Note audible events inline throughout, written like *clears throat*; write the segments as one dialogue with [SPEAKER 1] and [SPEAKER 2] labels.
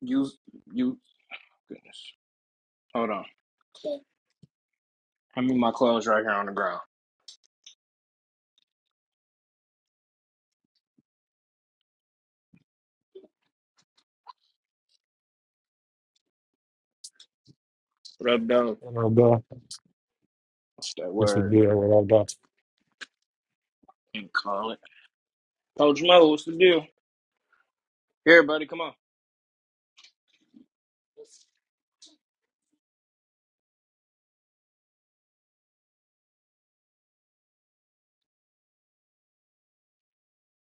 [SPEAKER 1] You you goodness. Hold on. I mean my clothes right here on the ground. What up, dog?
[SPEAKER 2] And I'll
[SPEAKER 1] What's that
[SPEAKER 2] This is
[SPEAKER 1] word?
[SPEAKER 2] good. What I've
[SPEAKER 1] Can't call it. Coach Mo, what's the deal? Here, buddy, come on.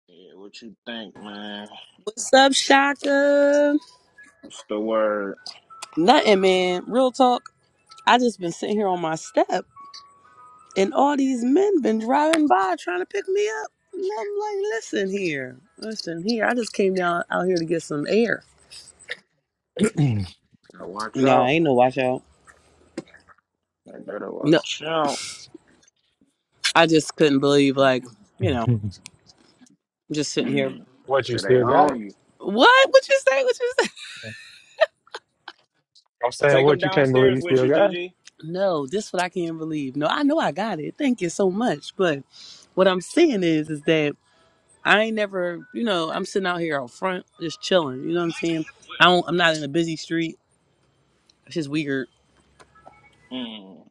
[SPEAKER 1] Yeah, what you think, man?
[SPEAKER 3] What's up, Shaka?
[SPEAKER 1] What's the word?
[SPEAKER 3] Nothing, man. Real talk. I just been sitting here on my step, and all these men been driving by trying to pick me up. And I'm like, listen here, listen here. I just came down out here to get some air.
[SPEAKER 2] done.
[SPEAKER 1] Better watch
[SPEAKER 3] No, I
[SPEAKER 1] out.
[SPEAKER 3] ain't no watch out.
[SPEAKER 1] They better
[SPEAKER 3] No,
[SPEAKER 1] watch out.
[SPEAKER 3] I just couldn't believe, like, you know, just sitting here.
[SPEAKER 1] Mm.
[SPEAKER 2] *clears throat* what you
[SPEAKER 1] So they
[SPEAKER 2] still got
[SPEAKER 1] own
[SPEAKER 2] it?
[SPEAKER 1] you.
[SPEAKER 3] What? What you say? What you say?
[SPEAKER 2] I'm saying
[SPEAKER 1] Take them
[SPEAKER 2] what you can't believe
[SPEAKER 1] downstairs
[SPEAKER 2] you
[SPEAKER 1] with
[SPEAKER 2] still
[SPEAKER 1] you,
[SPEAKER 2] got. It?
[SPEAKER 1] Gigi.
[SPEAKER 3] No, this what I can't believe. No, I know I got it. Thank you so much. But what I'm saying is, is that I ain't never, you know, I'm sitting out here out front just chilling. You know what I'm saying? I don't, I'm not in a busy street. It's just weird.
[SPEAKER 1] Mm.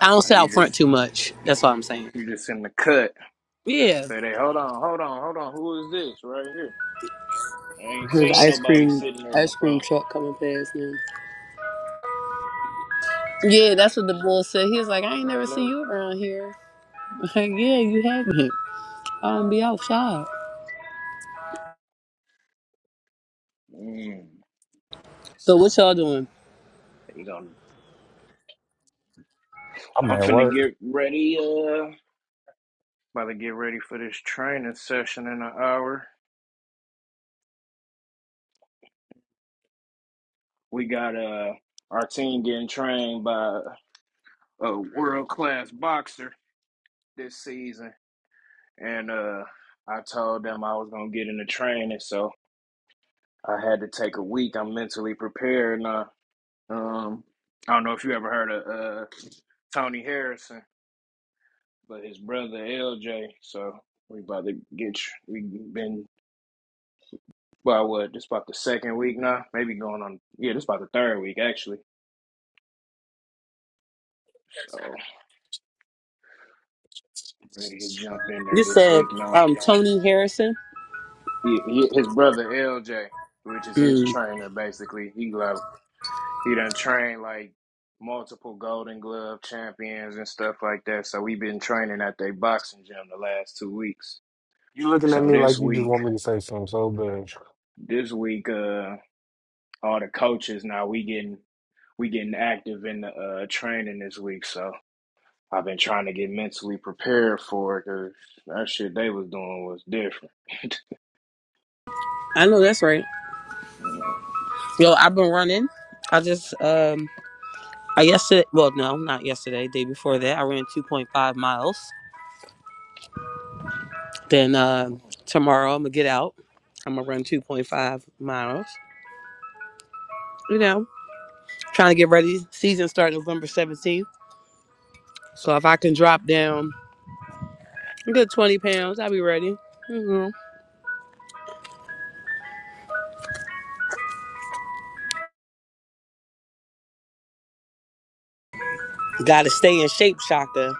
[SPEAKER 3] I don't sit out
[SPEAKER 1] You
[SPEAKER 3] front
[SPEAKER 1] just
[SPEAKER 3] too much. That's all I'm saying.
[SPEAKER 1] you just in the cut.
[SPEAKER 3] Yeah.
[SPEAKER 1] Say they hold on, hold on, hold on. Who is this right here? I ain't
[SPEAKER 3] There's
[SPEAKER 1] seen
[SPEAKER 3] an ice
[SPEAKER 1] nobody
[SPEAKER 3] cream,
[SPEAKER 1] sitting there
[SPEAKER 3] ice cream
[SPEAKER 1] before.
[SPEAKER 3] truck coming past now. Yeah, that's what the boy said. He was like, I
[SPEAKER 1] I
[SPEAKER 3] ain't never
[SPEAKER 1] ain't
[SPEAKER 3] see
[SPEAKER 1] never.
[SPEAKER 3] you around here. *laughs* Like, yeah, you haven't. *laughs* I don't be outside.
[SPEAKER 1] Mm.
[SPEAKER 3] So what y'all doing?
[SPEAKER 1] You know,
[SPEAKER 2] I'm
[SPEAKER 1] I'm
[SPEAKER 2] at
[SPEAKER 1] finna
[SPEAKER 2] work.
[SPEAKER 1] get ready. Uh, about to get ready for this training session in an hour. We got uh our team getting trained by a world class boxer this season, and uh I told them I was gonna get into training, so I had to take a week. I'm mentally prepared now. Um, I don't know if you ever heard of uh Tony Harrison, but his brother LJ. So we about to get tr- we been By what? just about the second week now. Maybe going on. Yeah, this about the third week actually. So ready to jump in
[SPEAKER 3] You
[SPEAKER 1] there this
[SPEAKER 3] said
[SPEAKER 1] week now.
[SPEAKER 3] um Tony Harrison.
[SPEAKER 1] He, he, his brother LJ, which is his
[SPEAKER 3] Mm,
[SPEAKER 1] trainer, basically. He like he done trained like multiple Golden Glove champions and stuff like that. So we been training at their boxing gym the last two weeks.
[SPEAKER 2] You looking at
[SPEAKER 1] So
[SPEAKER 2] me
[SPEAKER 1] this
[SPEAKER 2] like you just
[SPEAKER 1] week,
[SPEAKER 2] want me to say something so bad.
[SPEAKER 1] this week, uh, all the coaches now we getting we getting active in the uh training this week. So I've been trying to get mentally prepared for it because that shit they was doing was different.
[SPEAKER 3] I know that's right. Yo, I've been running. I just um I yesterday, well, no, not yesterday. Day before that, I ran 2.5 miles. Then uh,
[SPEAKER 1] *laughs*
[SPEAKER 3] tomorrow, I'm gonna get out. I'm gonna run 2.5 miles. You know, trying to get ready. Season start November 17th. So if I can drop down a good 20 pounds, I'll be ready. hmm Gotta stay in shape, Shaka.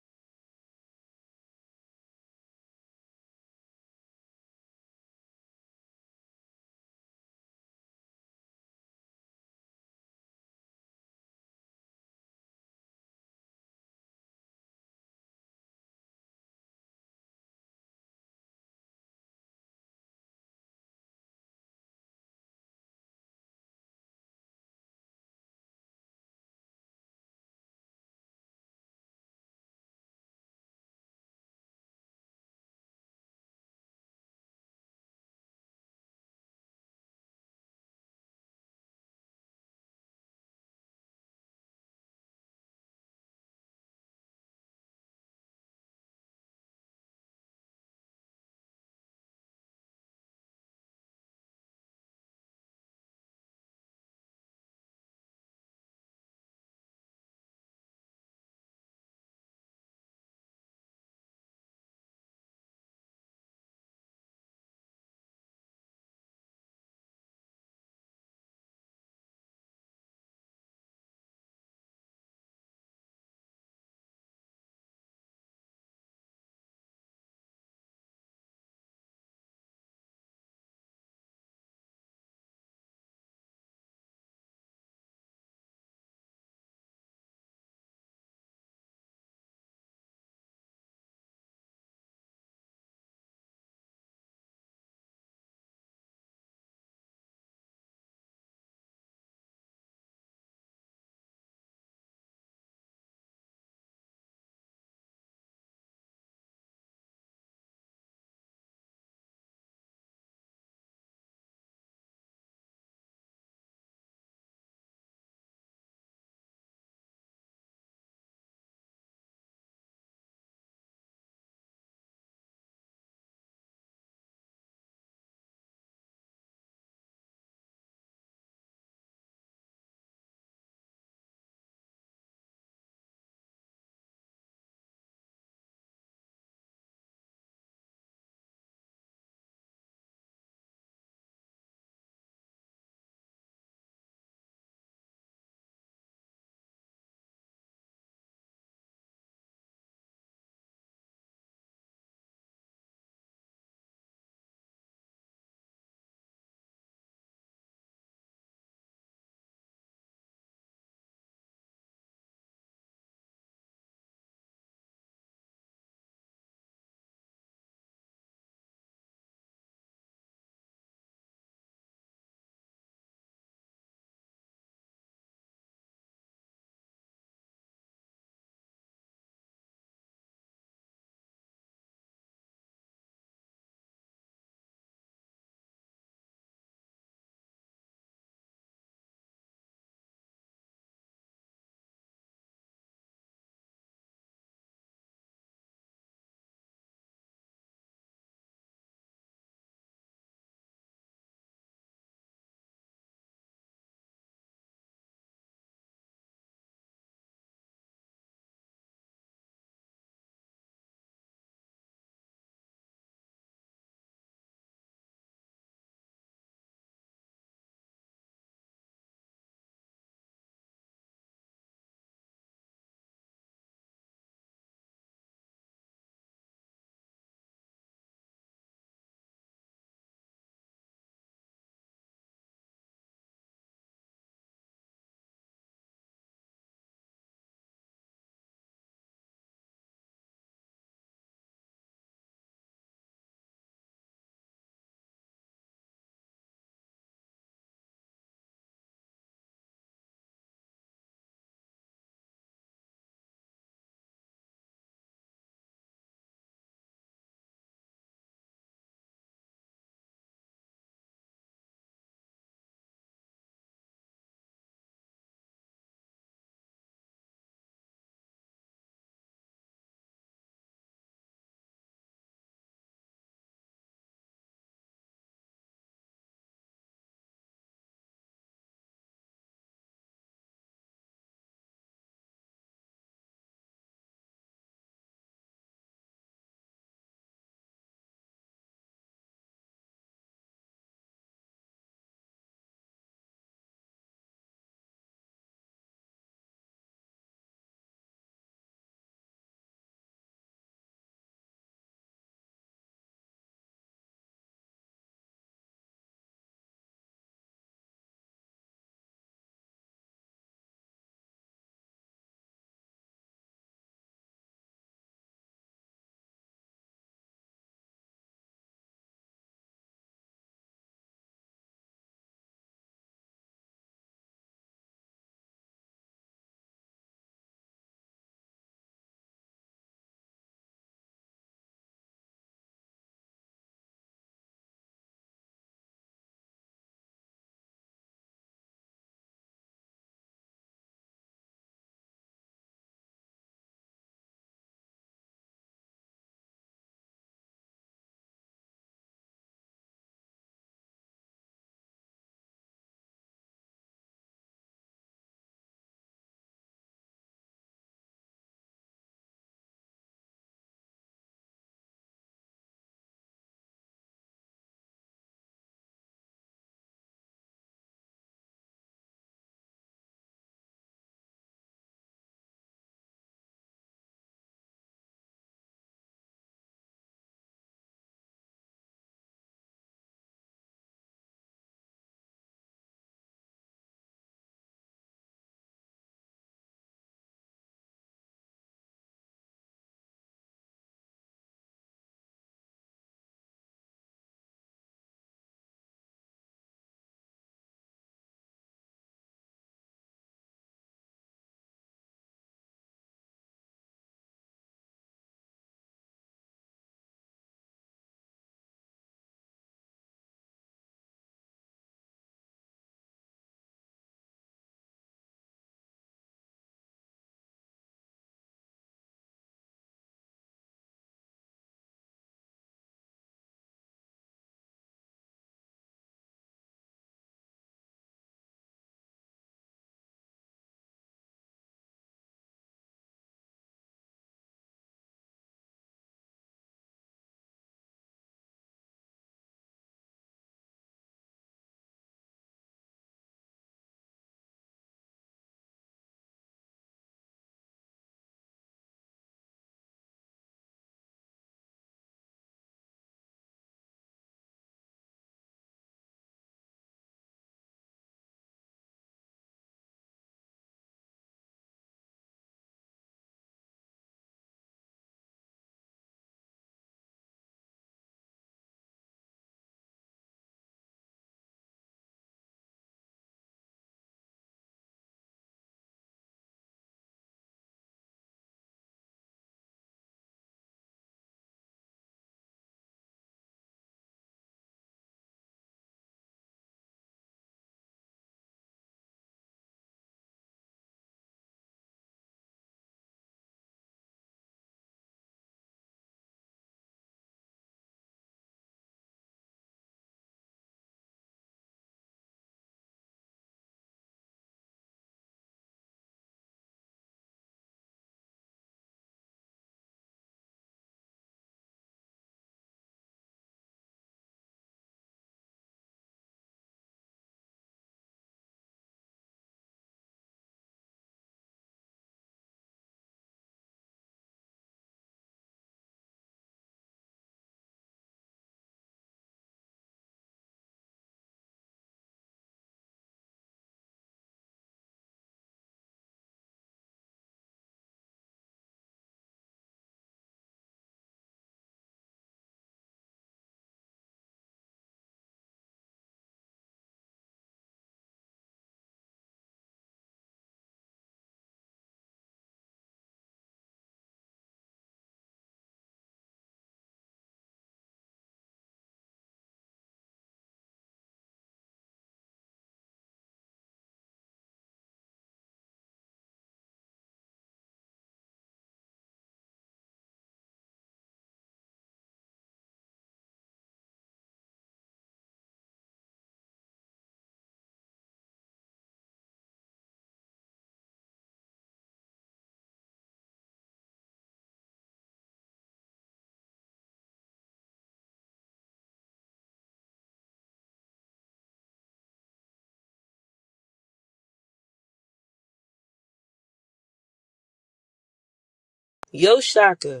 [SPEAKER 3] Yo, Shaka,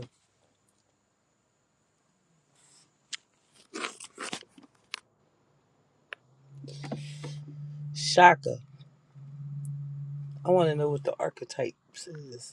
[SPEAKER 3] Shaka. I want to know what the archetype is.